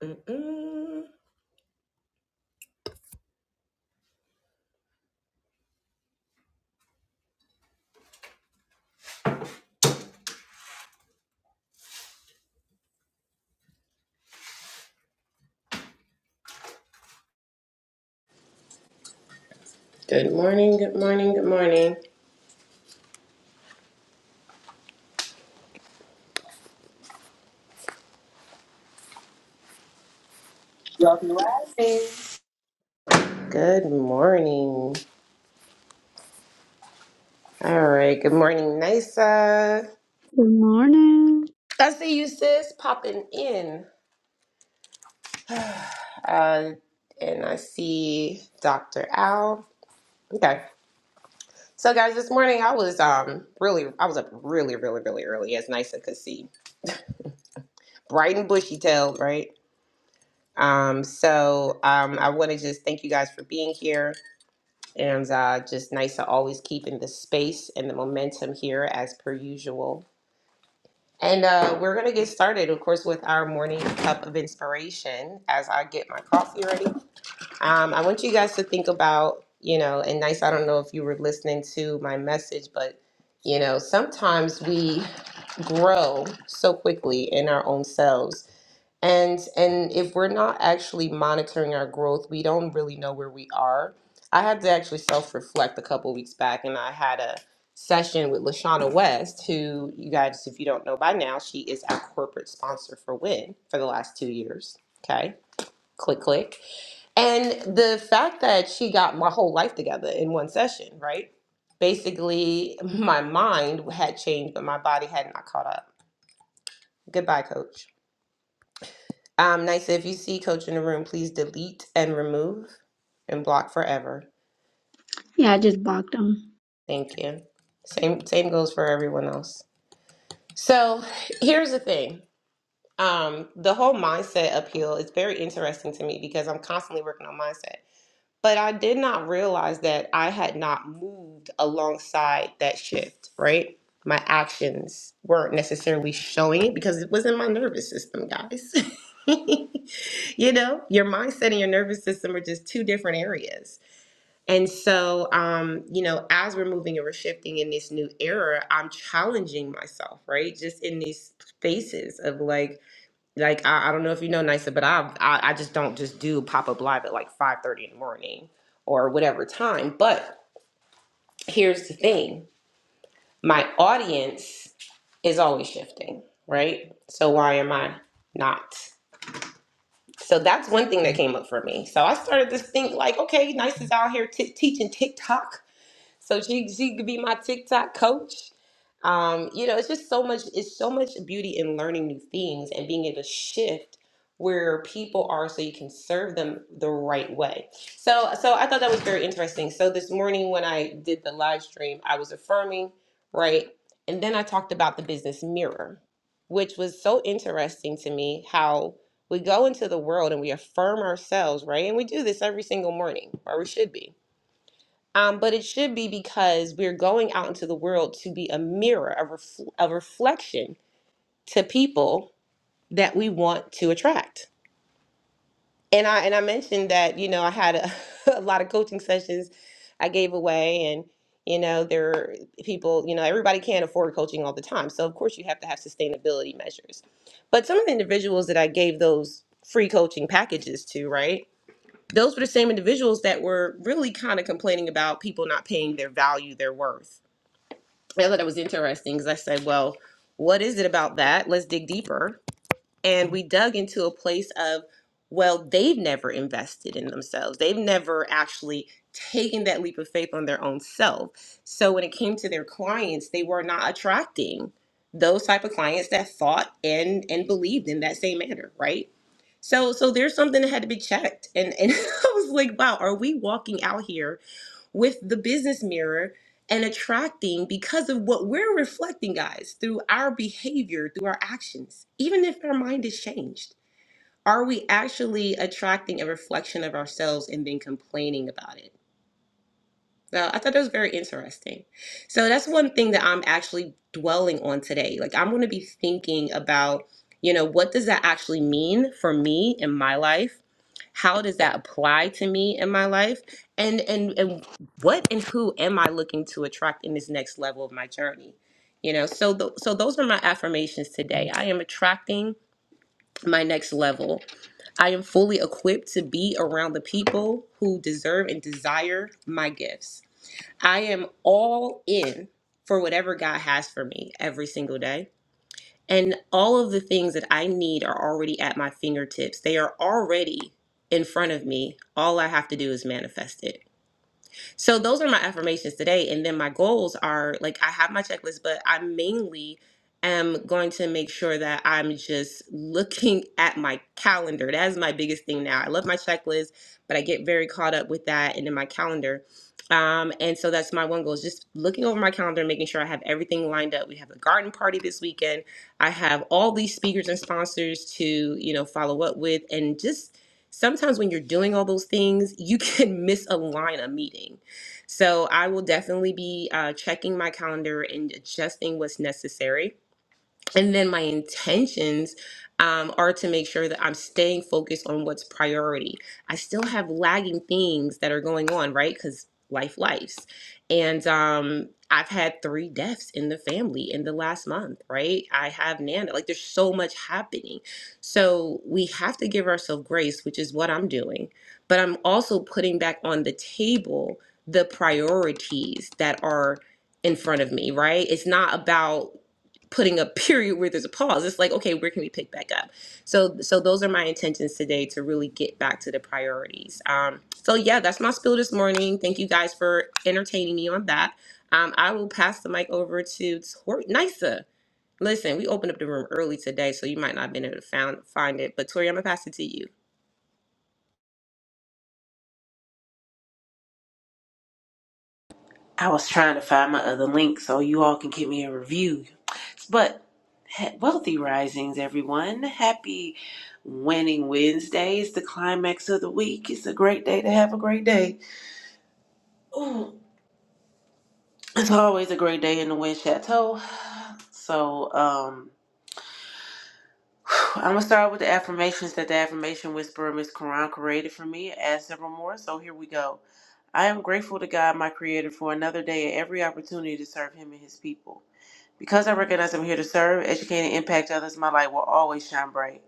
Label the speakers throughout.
Speaker 1: Mm-mm. Good morning, good morning, good morning.
Speaker 2: Y'all rising.
Speaker 1: Good morning. All right, good morning, Nisa.
Speaker 3: Good morning.
Speaker 1: I see you, sis, popping in. Uh, and I see Dr. Al. Okay. So guys, this morning I was um really I was up really, really, really early as Nisa could see. Bright and bushy tailed, right? Um, so um I want to just thank you guys for being here. And uh, just nice to always keep in the space and the momentum here as per usual. And uh, we're going to get started, of course, with our morning cup of inspiration as I get my coffee ready. Um, I want you guys to think about, you know, and nice, I don't know if you were listening to my message, but, you know, sometimes we grow so quickly in our own selves and and if we're not actually monitoring our growth we don't really know where we are i had to actually self-reflect a couple weeks back and i had a session with lashana west who you guys if you don't know by now she is our corporate sponsor for win for the last two years okay click click and the fact that she got my whole life together in one session right basically my mind had changed but my body had not caught up goodbye coach um, nice. If you see Coach in the room, please delete and remove and block forever.
Speaker 3: Yeah, I just blocked them.
Speaker 1: Thank you. Same same goes for everyone else. So here's the thing. Um, the whole mindset appeal is very interesting to me because I'm constantly working on mindset. But I did not realize that I had not moved alongside that shift, right? My actions weren't necessarily showing it because it was in my nervous system, guys. you know, your mindset and your nervous system are just two different areas. And so, um, you know, as we're moving and we're shifting in this new era, I'm challenging myself, right? Just in these spaces of like, like I, I don't know if you know Nisa, but i I I just don't just do pop up live at like five thirty in the morning or whatever time. But here's the thing: my audience is always shifting, right? So why am I not? So that's one thing that came up for me. So I started to think like, okay, Nisa's out here t- teaching TikTok. So she she could be my TikTok coach. Um, you know, it's just so much, it's so much beauty in learning new things and being able to shift where people are so you can serve them the right way. So so I thought that was very interesting. So this morning when I did the live stream, I was affirming, right? And then I talked about the business mirror, which was so interesting to me how we go into the world and we affirm ourselves, right? And we do this every single morning, or we should be um, but it should be because we're going out into the world to be a mirror, a, refl- a reflection to people that we want to attract. And I and I mentioned that you know I had a, a lot of coaching sessions I gave away, and you know there are people you know everybody can't afford coaching all the time, so of course you have to have sustainability measures. But some of the individuals that I gave those free coaching packages to, right? Those were the same individuals that were really kind of complaining about people not paying their value, their worth I thought it was interesting because I said, well, what is it about that? Let's dig deeper. And we dug into a place of, well, they've never invested in themselves. They've never actually taken that leap of faith on their own self. So when it came to their clients, they were not attracting those type of clients that thought and and believed in that same manner, right? So so there's something that had to be checked. And and I was like, wow, are we walking out here? with the business mirror and attracting because of what we're reflecting, guys, through our behavior, through our actions, even if our mind is changed. Are we actually attracting a reflection of ourselves and then complaining about it? So I thought that was very interesting. So that's one thing that I'm actually dwelling on today. Like I'm going to be thinking about, you know, what does that actually mean for me in my life? how does that apply to me in my life and and and what and who am i looking to attract in this next level of my journey you know so th- so those are my affirmations today i am attracting my next level i am fully equipped to be around the people who deserve and desire my gifts i am all in for whatever god has for me every single day and all of the things that I need are already at my fingertips. They are already in front of me. All I have to do is manifest it. So those are my affirmations today. And then my goals are like I have my checklist, but I mainly am going to make sure that I'm just looking at my calendar. That is my biggest thing now. I love my checklist, but I get very caught up with that and in my calendar. Um, and so that's my one goal is just looking over my calendar, and making sure I have everything lined up. We have a garden party this weekend. I have all these speakers and sponsors to, you know, follow up with and just sometimes when you're doing all those things, you can miss a line of meeting so I will definitely be uh, checking my calendar and adjusting what's necessary and then my intentions um, are to make sure that I'm staying focused on what's priority. I still have lagging things that are going on, right? Because life, lives, and um, I've had three deaths in the family in the last month, right? I have Nana. Like, there's so much happening, so we have to give ourselves grace, which is what I'm doing. But I'm also putting back on the table the priorities that are in front of me, right? It's not about putting a period where there's a pause. It's like, okay, where can we pick back up? So, so those are my intentions today to really get back to the priorities. Um, so yeah, that's my spiel this morning. Thank you guys for entertaining me on that. Um, I will pass the mic over to Tori Nisa. Listen, we opened up the room early today, so you might not have been able to found, find it. But Tori, I'm gonna pass it to you.
Speaker 2: I was trying to find my other link so you all can give me a review. But he- wealthy risings, everyone. Happy winning Wednesday. It's the climax of the week. It's a great day to have a great day. It's always a great day in the Wind Chateau. So, um, I'm gonna start with the affirmations that the affirmation whisperer Miss Quran created for me. Add several more. So here we go. I am grateful to God, my Creator, for another day and every opportunity to serve Him and His people. Because I recognize I'm here to serve, educate, and impact others, my light will always shine bright.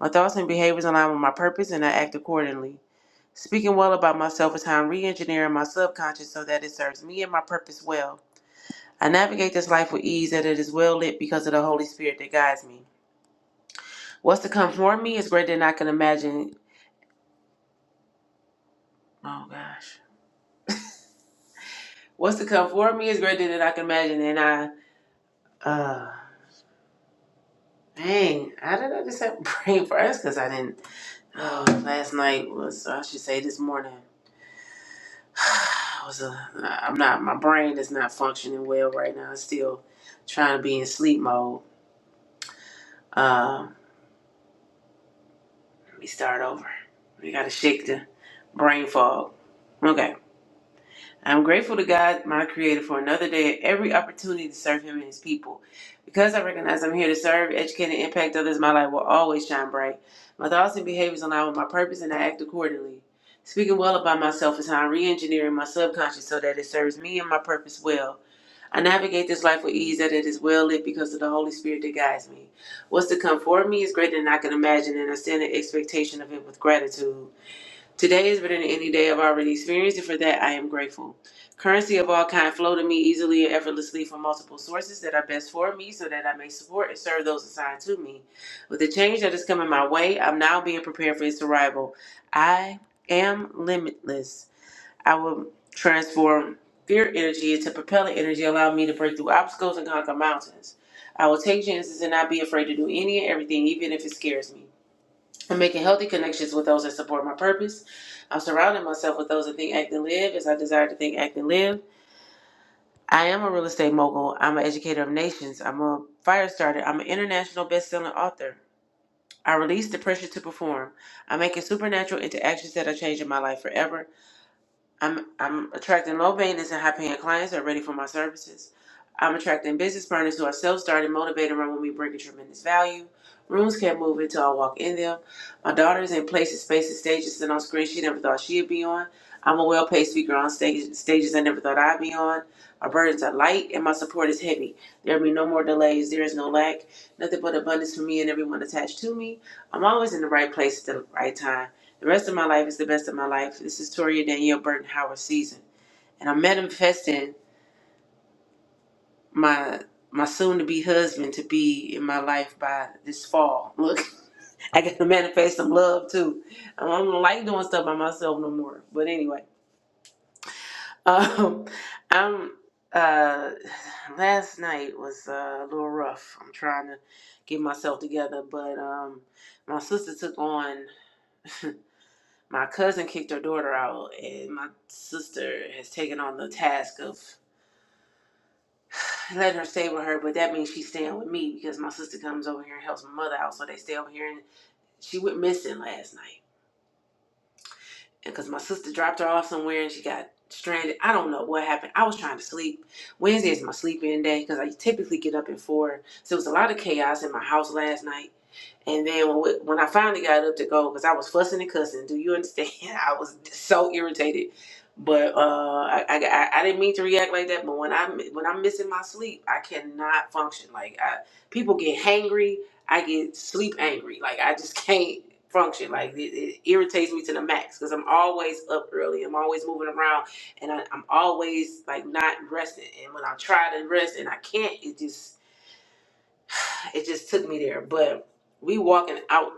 Speaker 2: My thoughts and behaviors align with my purpose, and I act accordingly. Speaking well about myself is how I'm re engineering my subconscious so that it serves me and my purpose well. I navigate this life with ease, and it is well lit because of the Holy Spirit that guides me. What's to come for me is greater than I can imagine. Oh, gosh. What's to come for me is greater than I can imagine, and I, uh, dang, how did I just have brain first? Because I didn't. Oh, last night was, I should say this morning, was a, I'm not, my brain is not functioning well right now. It's still trying to be in sleep mode. Um, let me start over. We got to shake the brain fog. Okay. I'm grateful to God, my Creator, for another day, and every opportunity to serve Him and His people. Because I recognize I'm here to serve, educate, and impact others, my light will always shine bright. My thoughts and behaviors align with my purpose, and I act accordingly. Speaking well about myself is how I'm re-engineering my subconscious so that it serves me and my purpose well. I navigate this life with ease that it is well lit because of the Holy Spirit that guides me. What's to come for me is greater than I can imagine, and I stand in expectation of it with gratitude. Today is better than any day I've already experienced, and for that I am grateful. Currency of all kind flow to me easily and effortlessly from multiple sources that are best for me so that I may support and serve those assigned to me. With the change that is coming my way, I'm now being prepared for its arrival. I am limitless. I will transform fear energy into propellant energy, allowing me to break through obstacles and conquer mountains. I will take chances and not be afraid to do any and everything, even if it scares me. I'm making healthy connections with those that support my purpose. I'm surrounding myself with those that think, act, and live as I desire to think, act, and live. I am a real estate mogul. I'm an educator of nations. I'm a fire starter. I'm an international best-selling author. I release the pressure to perform. I'm making supernatural interactions that are changing my life forever. I'm I'm attracting low maintenance and high paying clients who are ready for my services. I'm attracting business partners who are self started, motivated, and run with me, bringing tremendous value. Rooms can't move until I walk in them. My daughter is in places, spaces, stages, and on screens she never thought she'd be on. I'm a well paid speaker on stage, stages I never thought I'd be on. My burdens are light and my support is heavy. There'll be no more delays. There is no lack. Nothing but abundance for me and everyone attached to me. I'm always in the right place at the right time. The rest of my life is the best of my life. This is Toria Danielle Burton Howard season. And I'm manifesting my my soon to be husband to be in my life by this fall. Look, I gotta manifest some love too. Um, I don't like doing stuff by myself no more. But anyway. Um I'm uh last night was uh, a little rough. I'm trying to get myself together, but um my sister took on my cousin kicked her daughter out, and my sister has taken on the task of letting her stay with her. But that means she's staying with me because my sister comes over here and helps my mother out, so they stay over here. And she went missing last night, and because my sister dropped her off somewhere and she got stranded. I don't know what happened. I was trying to sleep. Wednesday is my sleep-in day because I typically get up at four. So there was a lot of chaos in my house last night. And then when, when I finally got up to go, because I was fussing and cussing, do you understand? I was so irritated. But uh, I, I, I I didn't mean to react like that. But when I'm when I'm missing my sleep, I cannot function. Like I, people get hangry, I get sleep angry. Like I just can't function. Like it, it irritates me to the max because I'm always up early. I'm always moving around, and I, I'm always like not resting. And when I try to rest and I can't, it just it just took me there. But we walking out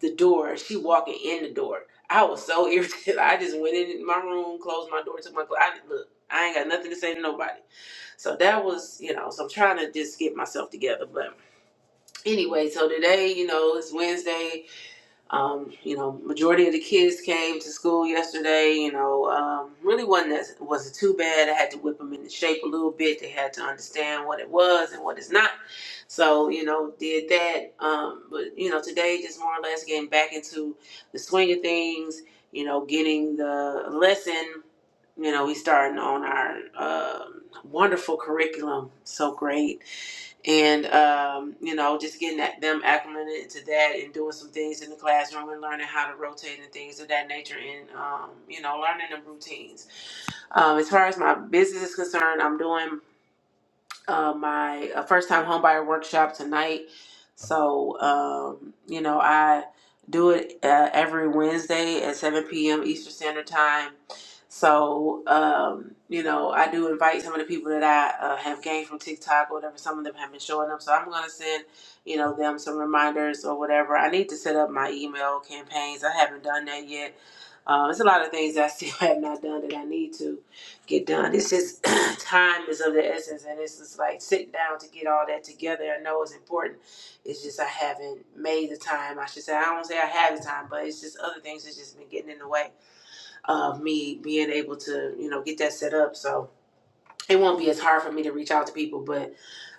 Speaker 2: the door, she walking in the door. I was so irritated. I just went in my room, closed my door, took my clothes. I didn't look. I ain't got nothing to say to nobody. So that was, you know. So I'm trying to just get myself together. But anyway, so today, you know, it's Wednesday. Um, you know, majority of the kids came to school yesterday. You know, um, really wasn't that, wasn't too bad. I had to whip them into shape a little bit. They had to understand what it was and what it's not. So you know, did that. Um, but you know, today just more or less getting back into the swing of things. You know, getting the lesson. You know, we starting on our um wonderful curriculum. So great and um, you know, just getting that, them acclimated to that and doing some things in the classroom and learning how to rotate and things of that nature and um, you know, learning the routines. Um, as far as my business is concerned, I'm doing uh, my uh, first time homebuyer workshop tonight. So, um, you know, I do it uh, every Wednesday at 7 p.m. Eastern Standard Time. So, um, you know, I do invite some of the people that I uh, have gained from TikTok or whatever. Some of them have been showing up. So I'm going to send, you know, them some reminders or whatever. I need to set up my email campaigns. I haven't done that yet. Um, it's a lot of things I still have not done that I need to get done. It's just time is of the essence, and it's just like sitting down to get all that together. I know it's important. It's just I haven't made the time. I should say I don't say I have the time, but it's just other things that's just been getting in the way of me being able to you know get that set up. So it won't be as hard for me to reach out to people, but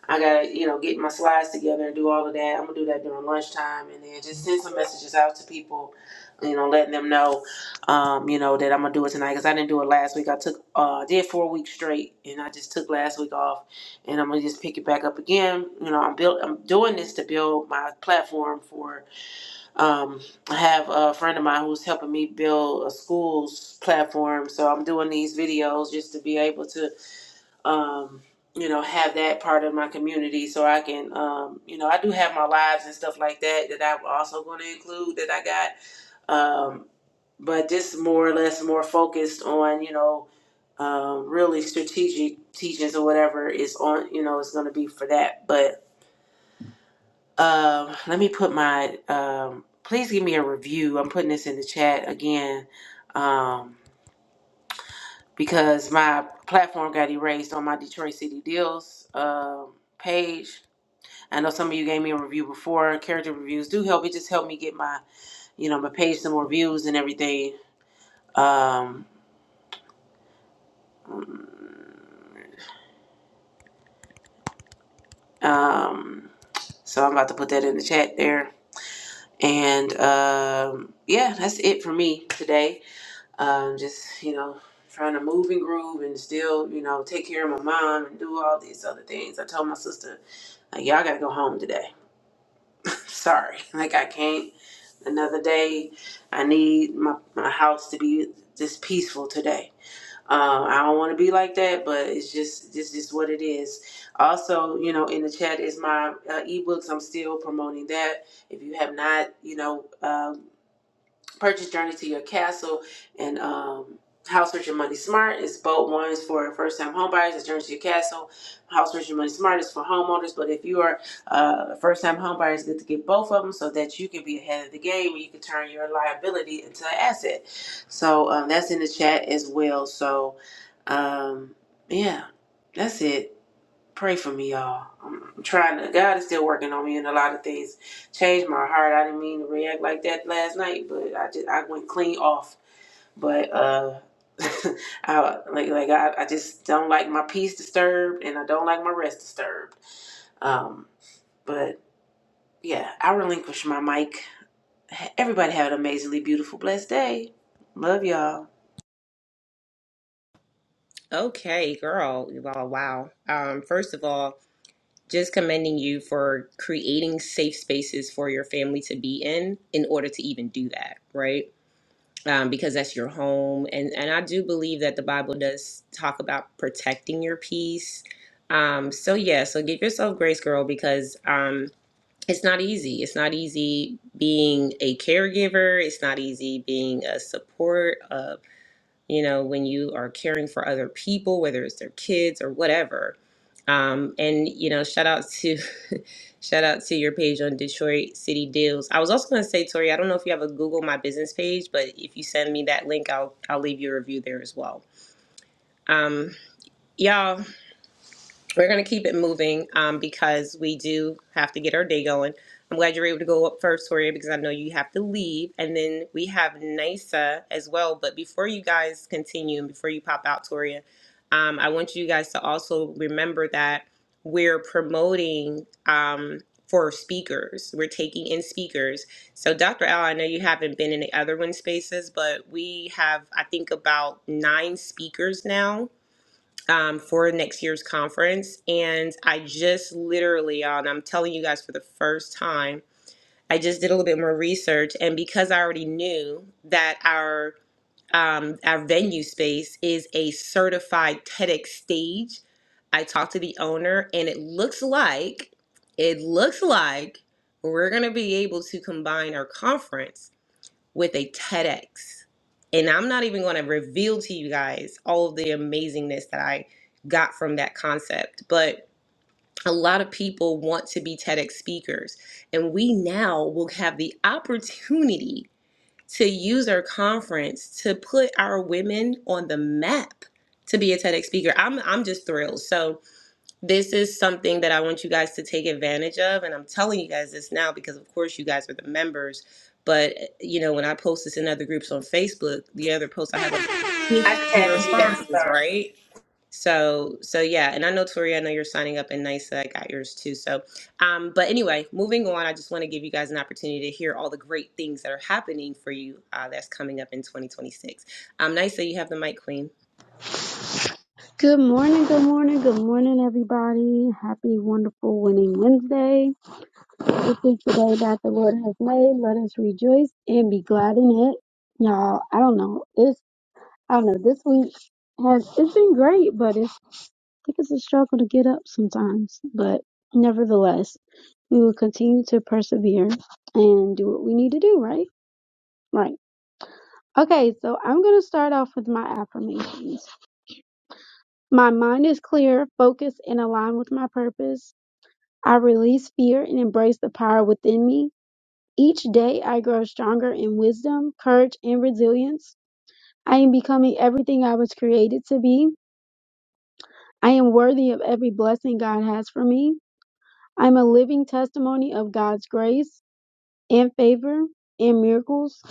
Speaker 2: I gotta, you know, get my slides together and do all of that. I'm gonna do that during lunchtime and then just send some messages out to people, you know, letting them know, um, you know, that I'm gonna do it tonight because I didn't do it last week. I took, uh, I did four weeks straight and I just took last week off and I'm gonna just pick it back up again. You know, I'm build, I'm doing this to build my platform for, um, I have a friend of mine who's helping me build a school's platform. So I'm doing these videos just to be able to um, you know, have that part of my community so I can, um, you know, I do have my lives and stuff like that that I'm also going to include that I got. Um, but just more or less more focused on, you know, um, really strategic teachings or whatever is on, you know, is going to be for that. But um, let me put my, um, please give me a review. I'm putting this in the chat again. Um, because my platform got erased on my Detroit City Deals um page. I know some of you gave me a review before. Character reviews do help. It just helped me get my, you know, my page some more views and everything. Um, um, so I'm about to put that in the chat there. And um, yeah, that's it for me today. Um, just you know, trying to move and groove and still you know take care of my mom and do all these other things. I told my sister like y'all gotta go home today sorry like i can't another day i need my, my house to be just peaceful today um, i don't want to be like that but it's just it's just what it is also you know in the chat is my uh, ebooks i'm still promoting that if you have not you know uh, Purchase Journey to Your Castle and um, House Rich and Money Smart is both ones for first time home buyers. It's Journey to Your Castle. House Rich and Money Smart is for homeowners. But if you are uh, a first time home buyer, it's good to get both of them so that you can be ahead of the game and you can turn your liability into an asset. So um, that's in the chat as well. So um, yeah, that's it. Pray for me, y'all. I'm trying to. God is still working on me, and a lot of things changed my heart. I didn't mean to react like that last night, but I just I went clean off. But uh, I like like I, I just don't like my peace disturbed, and I don't like my rest disturbed. Um, but yeah, I relinquish my mic. Everybody have an amazingly beautiful, blessed day. Love y'all.
Speaker 1: Okay, girl. Well, wow. Um, first of all, just commending you for creating safe spaces for your family to be in in order to even do that right um, because that's your home and and i do believe that the bible does talk about protecting your peace um, so yeah so give yourself grace girl because um, it's not easy it's not easy being a caregiver it's not easy being a support a you know, when you are caring for other people, whether it's their kids or whatever. Um, and you know, shout out to shout out to your page on Detroit City Deals. I was also gonna say, Tori, I don't know if you have a Google My Business page, but if you send me that link, I'll I'll leave you a review there as well. Um, y'all we're going to keep it moving um, because we do have to get our day going. I'm glad you're able to go up first, Toria, because I know you have to leave. And then we have NISA as well. But before you guys continue and before you pop out, Toria, um, I want you guys to also remember that we're promoting um, for speakers. We're taking in speakers. So, Dr. Al, I know you haven't been in the other one spaces, but we have, I think, about nine speakers now um, for next year's conference. And I just literally, uh, and I'm telling you guys for the first time, I just did a little bit more research. And because I already knew that our um, our venue space is a certified TEDx stage, I talked to the owner, and it looks like it looks like we're gonna be able to combine our conference with a TEDx. And I'm not even going to reveal to you guys all of the amazingness that I got from that concept, but a lot of people want to be TEDx speakers. And we now will have the opportunity to use our conference to put our women on the map to be a TEDx speaker. I'm I'm just thrilled. So, this is something that I want you guys to take advantage of. And I'm telling you guys this now because, of course, you guys are the members. But, eh, you know, when I post this in other groups on Facebook, the other post I had like 50
Speaker 2: I just had to be there.
Speaker 1: responses,
Speaker 2: Sorry.
Speaker 1: right? So, so yeah. And I know, Tori, I know you're signing up and nice that I got yours too. So, um, but anyway, moving on, I just want to give you guys an opportunity to hear all the great things that are happening for you uh, that's coming up in 2026. Um, nice you have the mic, Queen.
Speaker 3: Good morning, good morning, good morning, everybody. Happy, wonderful, winning Wednesday. This is the day that the Lord has made. Let us rejoice and be glad in it. Y'all, I don't know. It's, I don't know. This week has, it's been great, but it's, I think it's a struggle to get up sometimes. But nevertheless, we will continue to persevere and do what we need to do, right? Right. Okay, so I'm going to start off with my affirmations. My mind is clear, focused, and aligned with my purpose. I release fear and embrace the power within me. Each day I grow stronger in wisdom, courage, and resilience. I am becoming everything I was created to be. I am worthy of every blessing God has for me. I am a living testimony of God's grace and favor and miracles.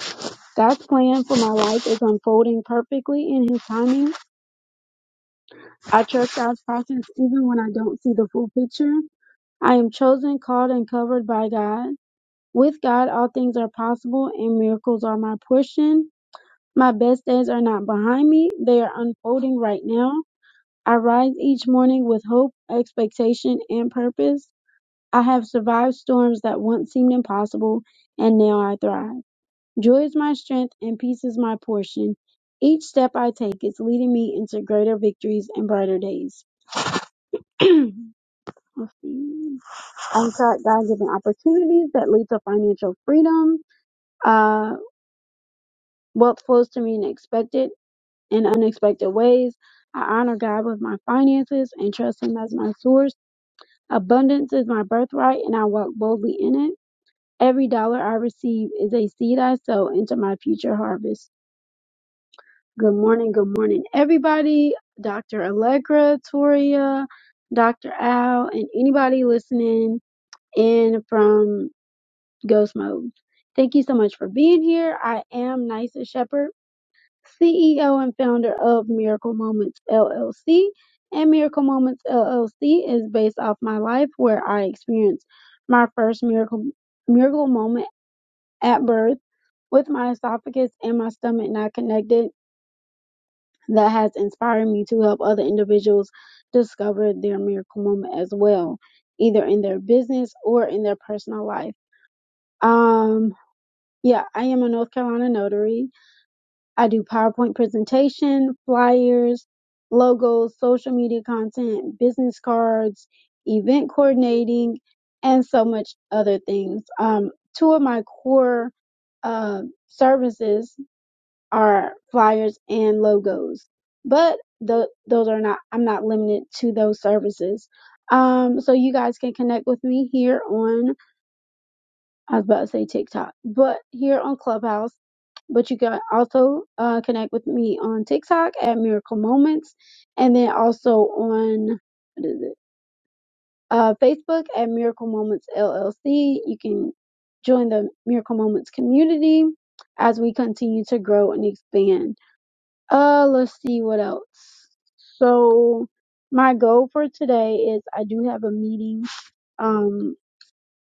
Speaker 3: God's plan for my life is unfolding perfectly in His timing. I trust God's process even when I don't see the full picture. I am chosen, called, and covered by God. With God, all things are possible, and miracles are my portion. My best days are not behind me, they are unfolding right now. I rise each morning with hope, expectation, and purpose. I have survived storms that once seemed impossible, and now I thrive. Joy is my strength, and peace is my portion. Each step I take is leading me into greater victories and brighter days. I've got God given opportunities that lead to financial freedom. Uh, wealth flows to me in expected and unexpected ways. I honor God with my finances and trust Him as my source. Abundance is my birthright, and I walk boldly in it. Every dollar I receive is a seed I sow into my future harvest. Good morning, good morning, everybody. Dr. Allegra, Toria, Dr. Al, and anybody listening in from Ghost mode. Thank you so much for being here. I am Nysa Shepherd, CEO and founder of Miracle Moments LLC. And Miracle Moments LLC is based off my life where I experienced my first miracle miracle moment at birth with my esophagus and my stomach not connected that has inspired me to help other individuals discover their miracle moment as well, either in their business or in their personal life. Um Yeah, I am a North Carolina notary. I do PowerPoint presentation, flyers, logos, social media content, business cards, event coordinating, and so much other things. Um, two of my core uh, services are flyers and logos, but tho- those are not. I'm not limited to those services. Um, so you guys can connect with me here on I was about to say TikTok, but here on Clubhouse. But you can also uh, connect with me on TikTok at Miracle Moments, and then also on what is it? Uh, Facebook at Miracle Moments LLC. You can join the Miracle Moments community as we continue to grow and expand. Uh, let's see what else. So my goal for today is I do have a meeting. Um,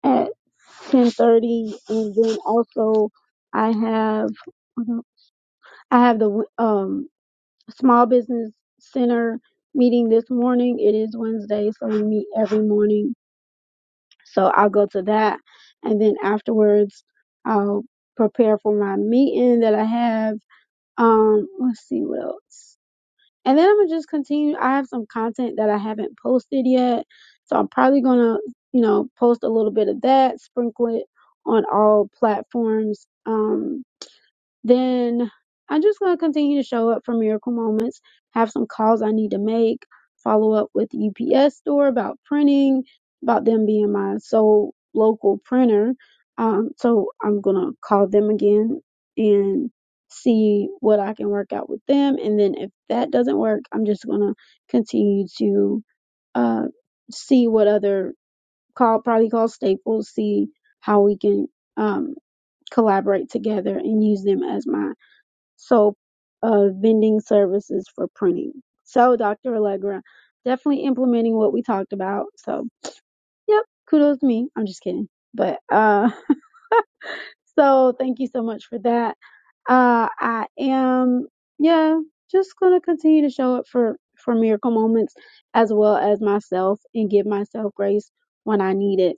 Speaker 3: at 10:30 and then also I have I have the um small business center meeting this morning. It is Wednesday, so we meet every morning. So I'll go to that and then afterwards I'll prepare for my meeting that I have. Um let's see what else. And then I'm gonna just continue. I have some content that I haven't posted yet. So I'm probably gonna, you know, post a little bit of that, sprinkle it on all platforms. Um then I'm just going to continue to show up for miracle moments, have some calls I need to make, follow up with UPS store about printing, about them being my sole local printer. Um, so I'm going to call them again and see what I can work out with them. And then if that doesn't work, I'm just going to continue to uh, see what other call probably call Staples, see how we can um, collaborate together and use them as my soap uh, vending services for printing. So, Dr. Allegra, definitely implementing what we talked about. So, yep, kudos to me. I'm just kidding. But uh, so thank you so much for that. Uh, I am, yeah, just gonna continue to show up for for miracle moments as well as myself and give myself grace when I need it.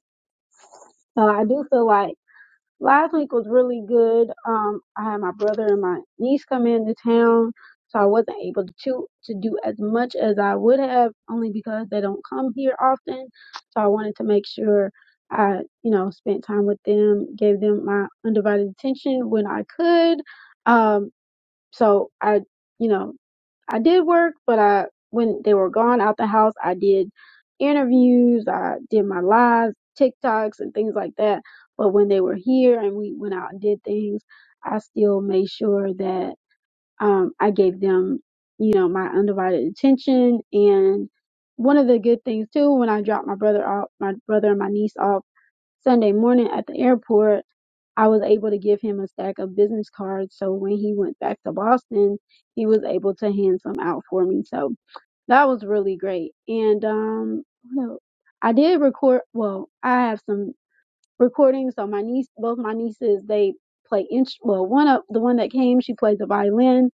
Speaker 3: So I do feel like Last week was really good. Um, I had my brother and my niece come into town, so I wasn't able to to do as much as I would have, only because they don't come here often. So I wanted to make sure I, you know, spent time with them, gave them my undivided attention when I could. Um, so I, you know, I did work, but I when they were gone out the house, I did interviews, I did my lives, TikToks and things like that. But when they were here and we went out and did things, I still made sure that um I gave them, you know, my undivided attention and one of the good things too when I dropped my brother off my brother and my niece off Sunday morning at the airport, I was able to give him a stack of business cards. So when he went back to Boston, he was able to hand some out for me. So that was really great. And um, what else? I did record. Well, I have some recordings. So my niece, both my nieces, they play inch. Well, one of the one that came, she plays the violin.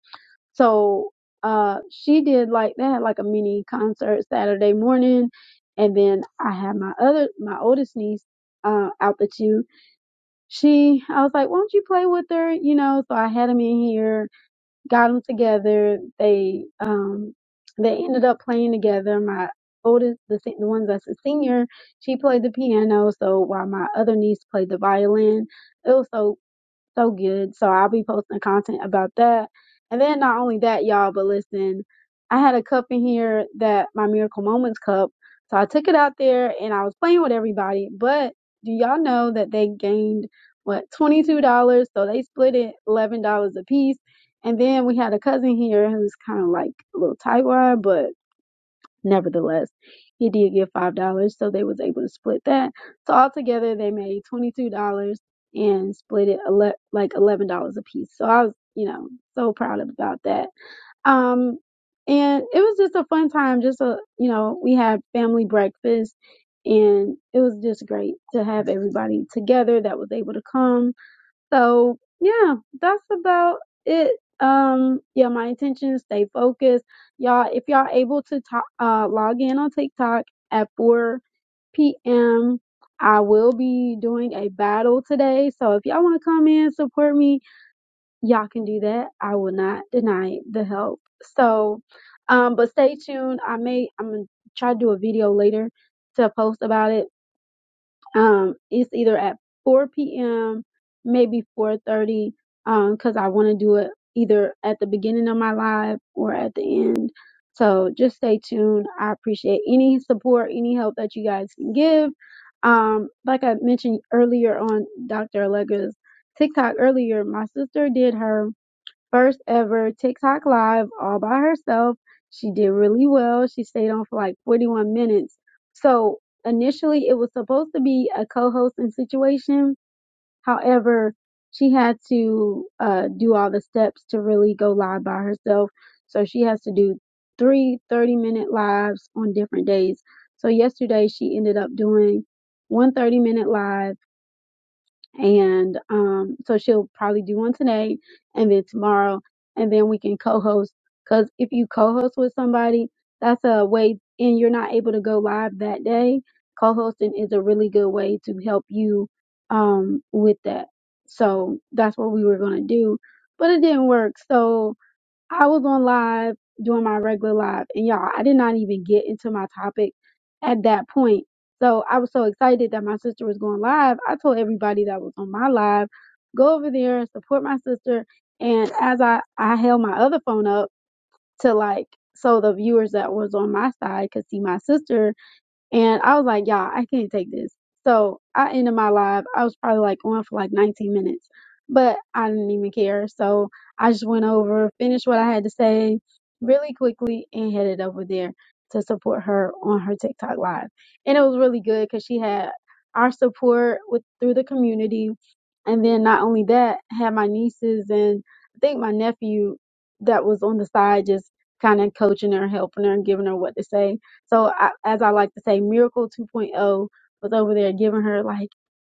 Speaker 3: So uh, she did like they had like a mini concert Saturday morning, and then I had my other my oldest niece uh, out the tube she I was like, Why don't you play with her? You know, so I had them in here, got them together. They um they ended up playing together. My oldest, the se- the ones that's a senior, she played the piano, so while my other niece played the violin. It was so so good. So I'll be posting content about that. And then not only that, y'all, but listen, I had a cup in here that my Miracle Moments cup. So I took it out there and I was playing with everybody. But do y'all know that they gained what $22? So they split it $11 a piece. And then we had a cousin here who's kind of like a little tightwad, but. Nevertheless, he did give five dollars, so they was able to split that. So altogether, they made twenty two dollars and split it ele- like eleven dollars a piece. So I was, you know, so proud about that. Um, and it was just a fun time. Just a, you know, we had family breakfast, and it was just great to have everybody together that was able to come so yeah, that's about it. Um, yeah, my intention is stay focused, y'all. If y'all able to to- uh log in on TikTok at 4 p.m., I will be doing a battle today. So if y'all want to come in support me, y'all can do that. I will not deny the help. So, um, but stay tuned. I may I'm gonna try to do a video later to post about it um it's either at 4 p.m maybe 4.30 um because i want to do it either at the beginning of my live or at the end so just stay tuned i appreciate any support any help that you guys can give um like i mentioned earlier on dr allegra's tiktok earlier my sister did her first ever TikTok live all by herself. She did really well. She stayed on for like 41 minutes. So initially it was supposed to be a co-hosting situation. However, she had to uh, do all the steps to really go live by herself. So she has to do three 30 minute lives on different days. So yesterday she ended up doing one 30 minute live and um, so she'll probably do one today and then tomorrow and then we can co-host because if you co-host with somebody that's a way and you're not able to go live that day co-hosting is a really good way to help you um, with that so that's what we were going to do but it didn't work So. I was on live doing my regular live, and y'all, I did not even get into my topic at that point. So I was so excited that my sister was going live. I told everybody that was on my live, go over there and support my sister. And as I, I held my other phone up to like, so the viewers that was on my side could see my sister and I was like, y'all, I can't take this. So I ended my live. I was probably like on for like 19 minutes, but I didn't even care. So I just went over, finished what I had to say really quickly, and headed over there to support her on her TikTok live. And it was really good because she had our support with through the community. And then not only that, had my nieces and I think my nephew that was on the side just kind of coaching her, helping her, and giving her what to say so I, as I like to say, Miracle 2.0 was over there giving her like,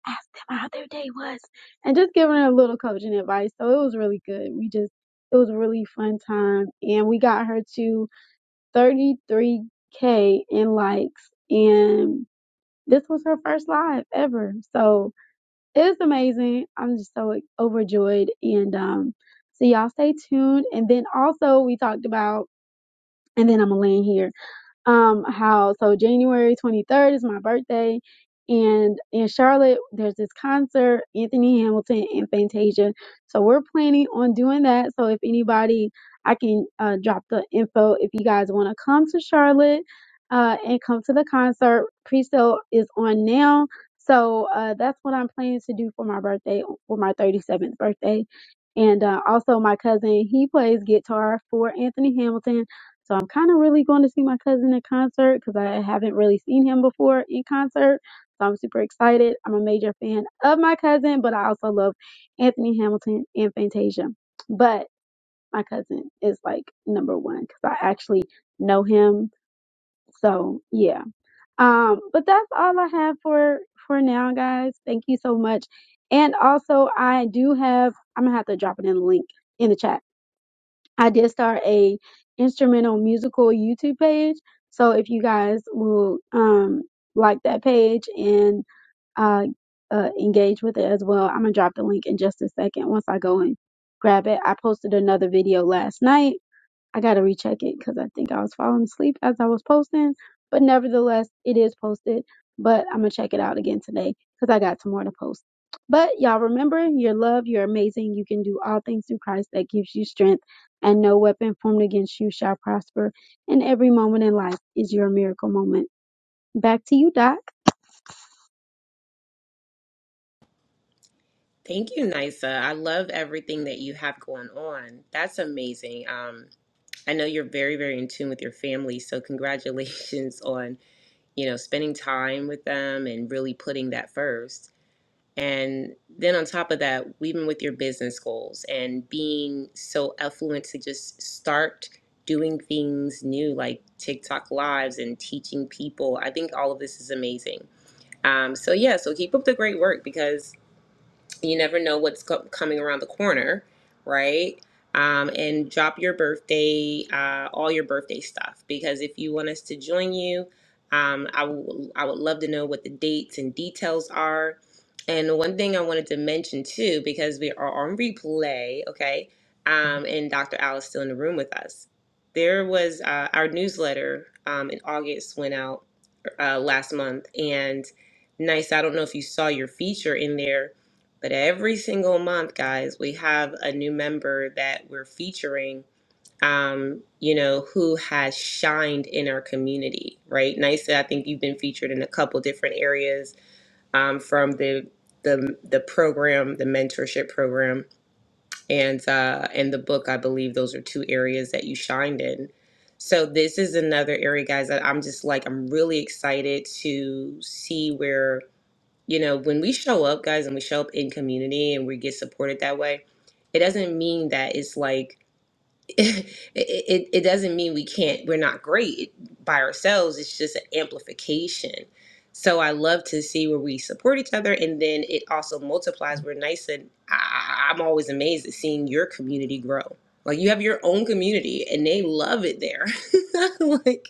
Speaker 3: ask them how their day was, and just giving her a little coaching advice. So it was really good. We just it was a really fun time, and we got her to 33k in likes, and this was her first live ever. So it's amazing. I'm just so like, overjoyed, and um, so y'all stay tuned. And then also we talked about, and then I'm gonna land here um how so January 23rd is my birthday and in Charlotte there's this concert Anthony Hamilton and Fantasia so we're planning on doing that so if anybody I can uh, drop the info if you guys want to come to Charlotte uh, and come to the concert pre-sale is on now so uh, that's what I'm planning to do for my birthday for my 37th birthday and uh, also my cousin he plays guitar for Anthony Hamilton so I'm kind of really going to see my cousin in concert because I haven't really seen him before in concert. So I'm super excited. I'm a major fan of my cousin, but I also love Anthony Hamilton and Fantasia. But my cousin is like number one because I actually know him. So yeah. Um, but that's all I have for for now, guys. Thank you so much. And also, I do have. I'm gonna have to drop it in the link in the chat I did start a instrumental musical YouTube page. So if you guys will um like that page and uh, uh engage with it as well, I'm gonna drop the link in just a second once I go and grab it. I posted another video last night I gotta recheck it because I think I was falling asleep as I was posting. But nevertheless, it is posted. But I'm gonna check it out again today because I got some more to post. But y'all remember, you're loved, you're amazing, you can do all things through Christ that gives you strength, and no weapon formed against you shall prosper. And every moment in life is your miracle moment. Back to you, Doc.
Speaker 1: Thank you, Nisa. I love everything that you have going on. That's amazing. Um, I know you're very, very in tune with your family, so congratulations on, you know, spending time with them and really putting that first. And then on top of that, even with your business goals and being so affluent to just start doing things new like TikTok lives and teaching people. I think all of this is amazing. Um, so yeah, so keep up the great work because you never know what's co- coming around the corner, right? Um, and drop your birthday, uh, all your birthday stuff, because if you want us to join you, um, I w- I would love to know what the dates and details are. And one thing I wanted to mention too, because we are on replay, okay? Um, and Dr. Al is still in the room with us. There was uh, our newsletter um, in August went out uh, last month. And nice, I don't know if you saw your feature in there, but every single month, guys, we have a new member that we're featuring, um, you know, who has shined in our community, right? Nice, I think you've been featured in a couple different areas um, from the the, the program, the mentorship program and uh, in the book i believe those are two areas that you shined in so this is another area guys that i'm just like i'm really excited to see where you know when we show up guys and we show up in community and we get supported that way it doesn't mean that it's like it, it it doesn't mean we can't we're not great by ourselves it's just an amplification so i love to see where we support each other and then it also multiplies we're nice and I, I- i'm always amazed at seeing your community grow like you have your own community and they love it there like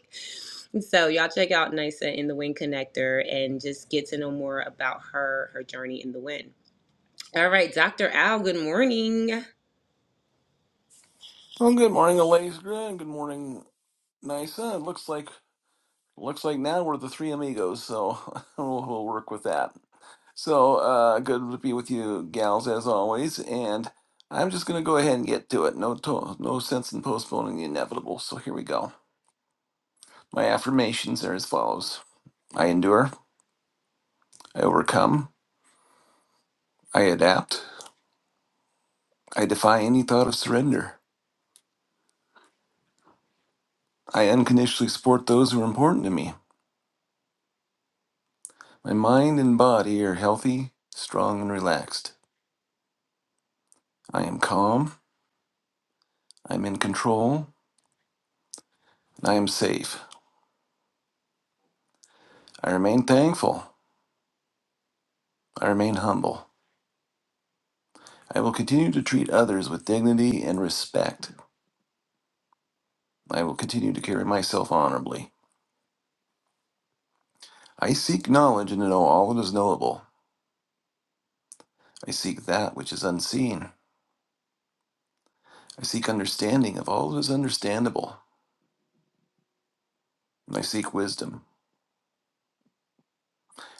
Speaker 1: so y'all check out nisa in the wind connector and just get to know more about her her journey in the wind all right dr al good morning
Speaker 4: Well, good morning, Alaska, and good morning, Nisa. It looks like looks like now we're the three amigos, so we'll, we'll work with that. So uh, good to be with you, gals, as always. And I'm just going to go ahead and get to it. No, to- no sense in postponing the inevitable. So here we go. My affirmations are as follows: I endure, I overcome, I adapt, I defy any thought of surrender. I unconditionally support those who are important to me. My mind and body are healthy, strong, and relaxed. I am calm, I am in control, and I am safe. I remain thankful, I remain humble. I will continue to treat others with dignity and respect. I will continue to carry myself honorably. I seek knowledge and to know all that is knowable. I seek that which is unseen. I seek understanding of all that is understandable. And I seek wisdom.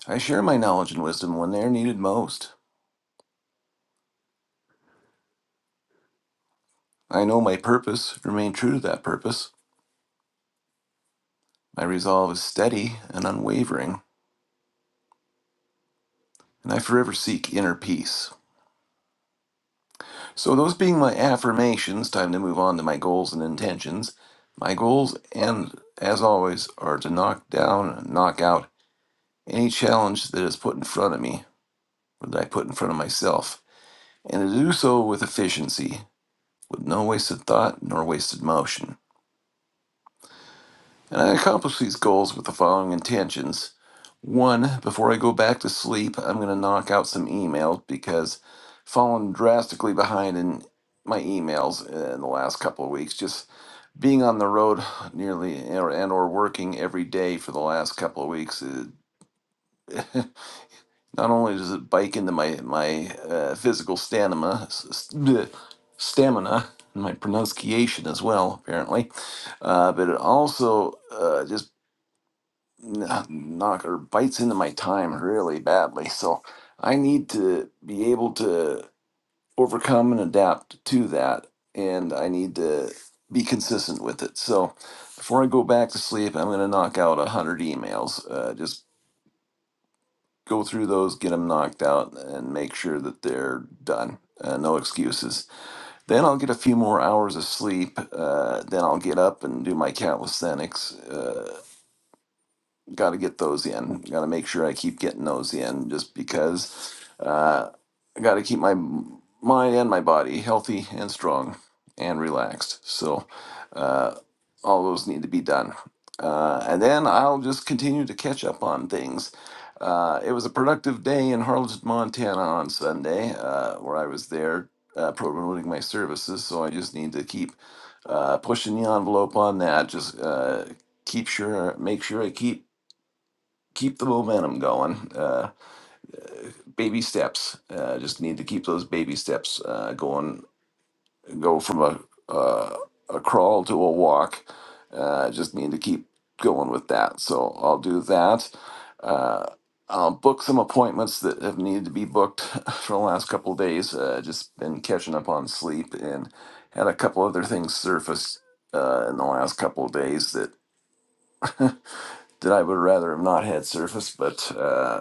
Speaker 4: I share my knowledge and wisdom when they are needed most. I know my purpose, remain true to that purpose. My resolve is steady and unwavering. and I forever seek inner peace. So, those being my affirmations, time to move on to my goals and intentions. My goals, and as always, are to knock down and knock out any challenge that is put in front of me, or that I put in front of myself, and to do so with efficiency, with no wasted thought nor wasted motion. And I accomplish these goals with the following intentions. One, before I go back to sleep, I'm going to knock out some emails because falling drastically behind in my emails in the last couple of weeks. Just being on the road nearly or- and or working every day for the last couple of weeks, it, not only does it bike into my my uh, physical stamina, s- s- stamina, and my pronunciation as well, apparently, uh, but it also uh, just kn- knock or bites into my time really badly. So I need to be able to overcome and adapt to that. And I need to be consistent with it. So before I go back to sleep, I'm going to knock out 100 emails. Uh, just go through those, get them knocked out, and make sure that they're done. Uh, no excuses. Then I'll get a few more hours of sleep. Uh, then I'll get up and do my calisthenics. Uh, got to get those in. Got to make sure I keep getting those in, just because uh, I got to keep my mind and my body healthy and strong and relaxed. So uh, all those need to be done. Uh, and then I'll just continue to catch up on things. Uh, it was a productive day in Harlingen, Montana on Sunday, uh, where I was there uh, promoting my services. So I just need to keep uh, pushing the envelope on that. Just uh, keep sure, make sure I keep keep the momentum going. Uh, baby steps. Uh, just need to keep those baby steps uh, going. Go from a uh, a crawl to a walk. Uh, just need to keep going with that. So I'll do that. Uh, I'll book some appointments that have needed to be booked for the last couple of days. Uh, just been catching up on sleep and had a couple other things surface uh, in the last couple of days that that I would rather have not had surface, but. Uh,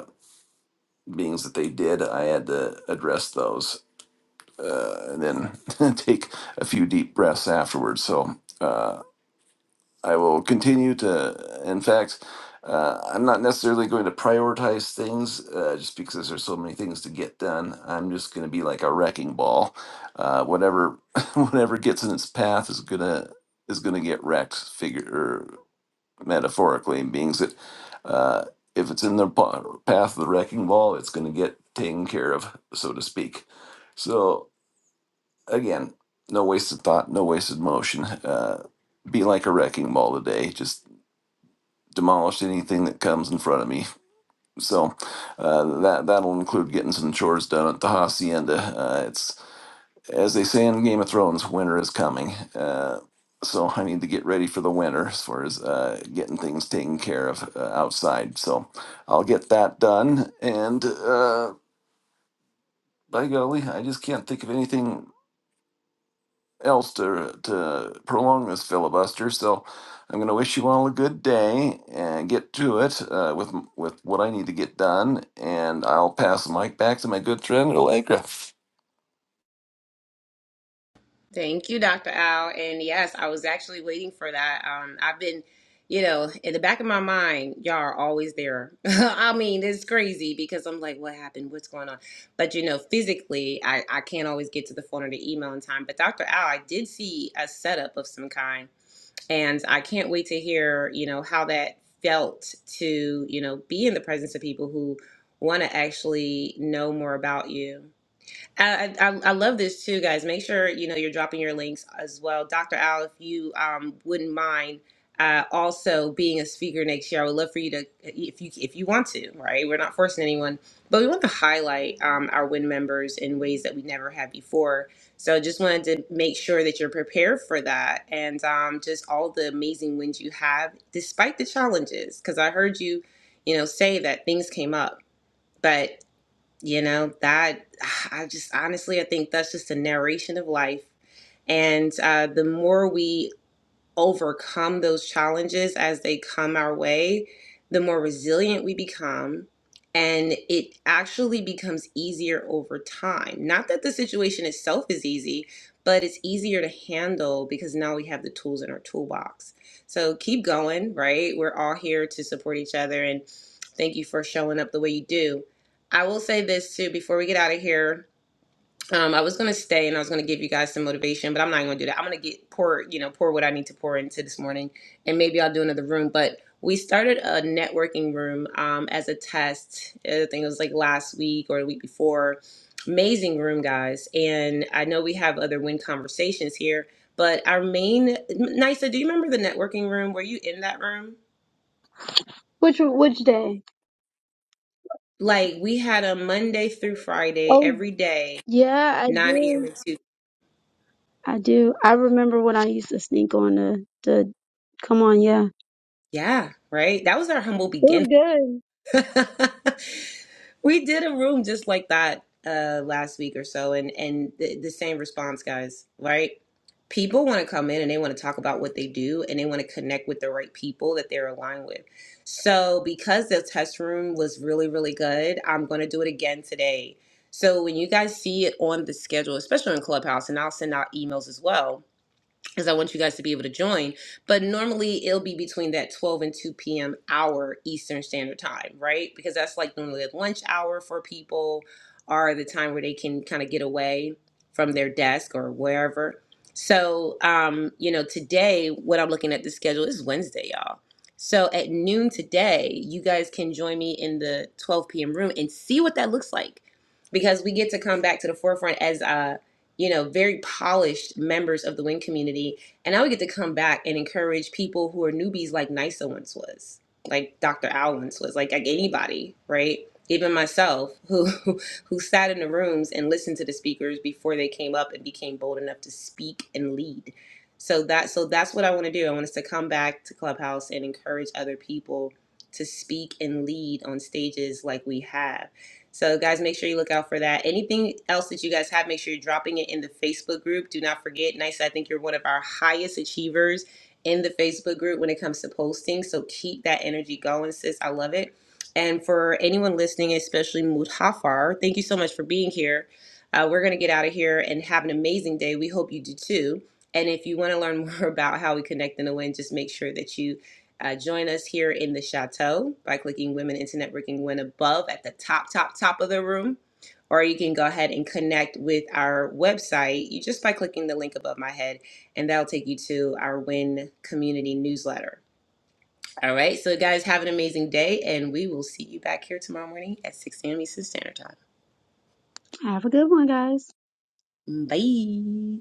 Speaker 4: beings that they did, I had to address those uh, and then take a few deep breaths afterwards. So uh, I will continue to, in fact, uh, I'm not necessarily going to prioritize things uh, just because there's so many things to get done. I'm just going to be like a wrecking ball. Uh, whatever, whatever gets in its path is gonna is gonna get wrecked. Figure metaphorically means that uh, if it's in the pa- path of the wrecking ball, it's going to get taken care of, so to speak. So again, no wasted thought, no wasted motion. Uh, be like a wrecking ball today. Just demolish anything that comes in front of me. So uh, that that'll include getting some chores done at the hacienda. Uh, it's as they say in Game of Thrones, winter is coming. Uh, so I need to get ready for the winter as far as uh, getting things taken care of uh, outside. So I'll get that done. And uh, by golly, I just can't think of anything else to, to prolong this filibuster. So I'm going to wish you all a good day and get to it uh, with, with what I need to get done. And I'll pass the mic back to my good friend, Allegra.
Speaker 1: Thank you, Dr. Al. And yes, I was actually waiting for that. Um, I've been, you know, in the back of my mind, y'all are always there. I mean, it's crazy because I'm like, what happened? What's going on? But you know, physically, I, I can't always get to the phone or the email in time. But Dr. Al, I did see a setup of some kind, and I can't wait to hear, you know, how that felt to, you know, be in the presence of people who want to actually know more about you. I, I, I love this too, guys. Make sure you know you're dropping your links as well, Dr. Al. If you um, wouldn't mind uh, also being a speaker next year, I would love for you to, if you if you want to, right? We're not forcing anyone, but we want to highlight um, our WIN members in ways that we never have before. So just wanted to make sure that you're prepared for that, and um, just all the amazing wins you have, despite the challenges. Because I heard you, you know, say that things came up, but you know, that I just honestly, I think that's just a narration of life. And uh, the more we overcome those challenges as they come our way, the more resilient we become. And it actually becomes easier over time. Not that the situation itself is easy, but it's easier to handle because now we have the tools in our toolbox. So keep going, right? We're all here to support each other. And thank you for showing up the way you do. I will say this too before we get out of here um, I was gonna stay and I was gonna give you guys some motivation, but I'm not gonna do that. I'm gonna get pour, you know, pour what I need to pour into this morning, and maybe I'll do another room. But we started a networking room um, as a test. I think it was like last week or the week before. Amazing room, guys. And I know we have other win conversations here, but our main Nisa, do you remember the networking room? Were you in that room?
Speaker 3: Which which day?
Speaker 1: Like we had a Monday through Friday
Speaker 3: Oh
Speaker 1: every day,
Speaker 3: yeah, I
Speaker 1: 9 a.m.
Speaker 3: do.
Speaker 1: and 2.
Speaker 3: I do. I remember when I used to sneak on the the. Come on, yeah. It
Speaker 1: Yeah, right. That was our humble beginnings
Speaker 3: was good.
Speaker 1: we did a room just like that uh last week or so and and the, the same response guys right people want to come in and they want to talk about what they do and they want to connect with the right people that they're aligned with so because the test room was really really good i'm going to do it again today so when you guys see it on the schedule especially in clubhouse and i'll send out emails as well because I want you guys to be able to join. But normally it'll be between that 12 and 2 p.m. hour Eastern Standard Time, right? Because that's like normally a lunch hour for people or the time where they can kind of get away from their desk or wherever. So, um, you know, today, what I'm looking at the schedule is Wednesday, y'all. So at noon today, you guys can join me in the 12 p.m. room and see what that looks like because we get to come back to the forefront as uh you know, very polished members of the wing community. And I would get to come back and encourage people who are newbies like NISA once was, like Dr. Al once was, like, like anybody, right? Even myself, who who sat in the rooms and listened to the speakers before they came up and became bold enough to speak and lead. So that so that's what I want to do. I want us to come back to Clubhouse and encourage other people to speak and lead on stages like we have. So, guys, make sure you look out for that. Anything else that you guys have, make sure you're dropping it in the Facebook group. Do not forget, Nice, I think you're one of our highest achievers in the Facebook group when it comes to posting. So, keep that energy going, sis. I love it. And for anyone listening, especially Mutafar, thank you so much for being here. Uh, we're going to get out of here and have an amazing day. We hope you do too. And if you want to learn more about how we connect in the wind, just make sure that you uh, join us here in the chateau by clicking Women into Networking Win above at the top, top, top of the room. Or you can go ahead and connect with our website you just by clicking the link above my head, and that'll take you to our Win community newsletter. All right, so guys, have an amazing day, and we will see you back here tomorrow morning at 6 a.m. Eastern Standard
Speaker 3: Have a good one, guys.
Speaker 1: Time. Bye.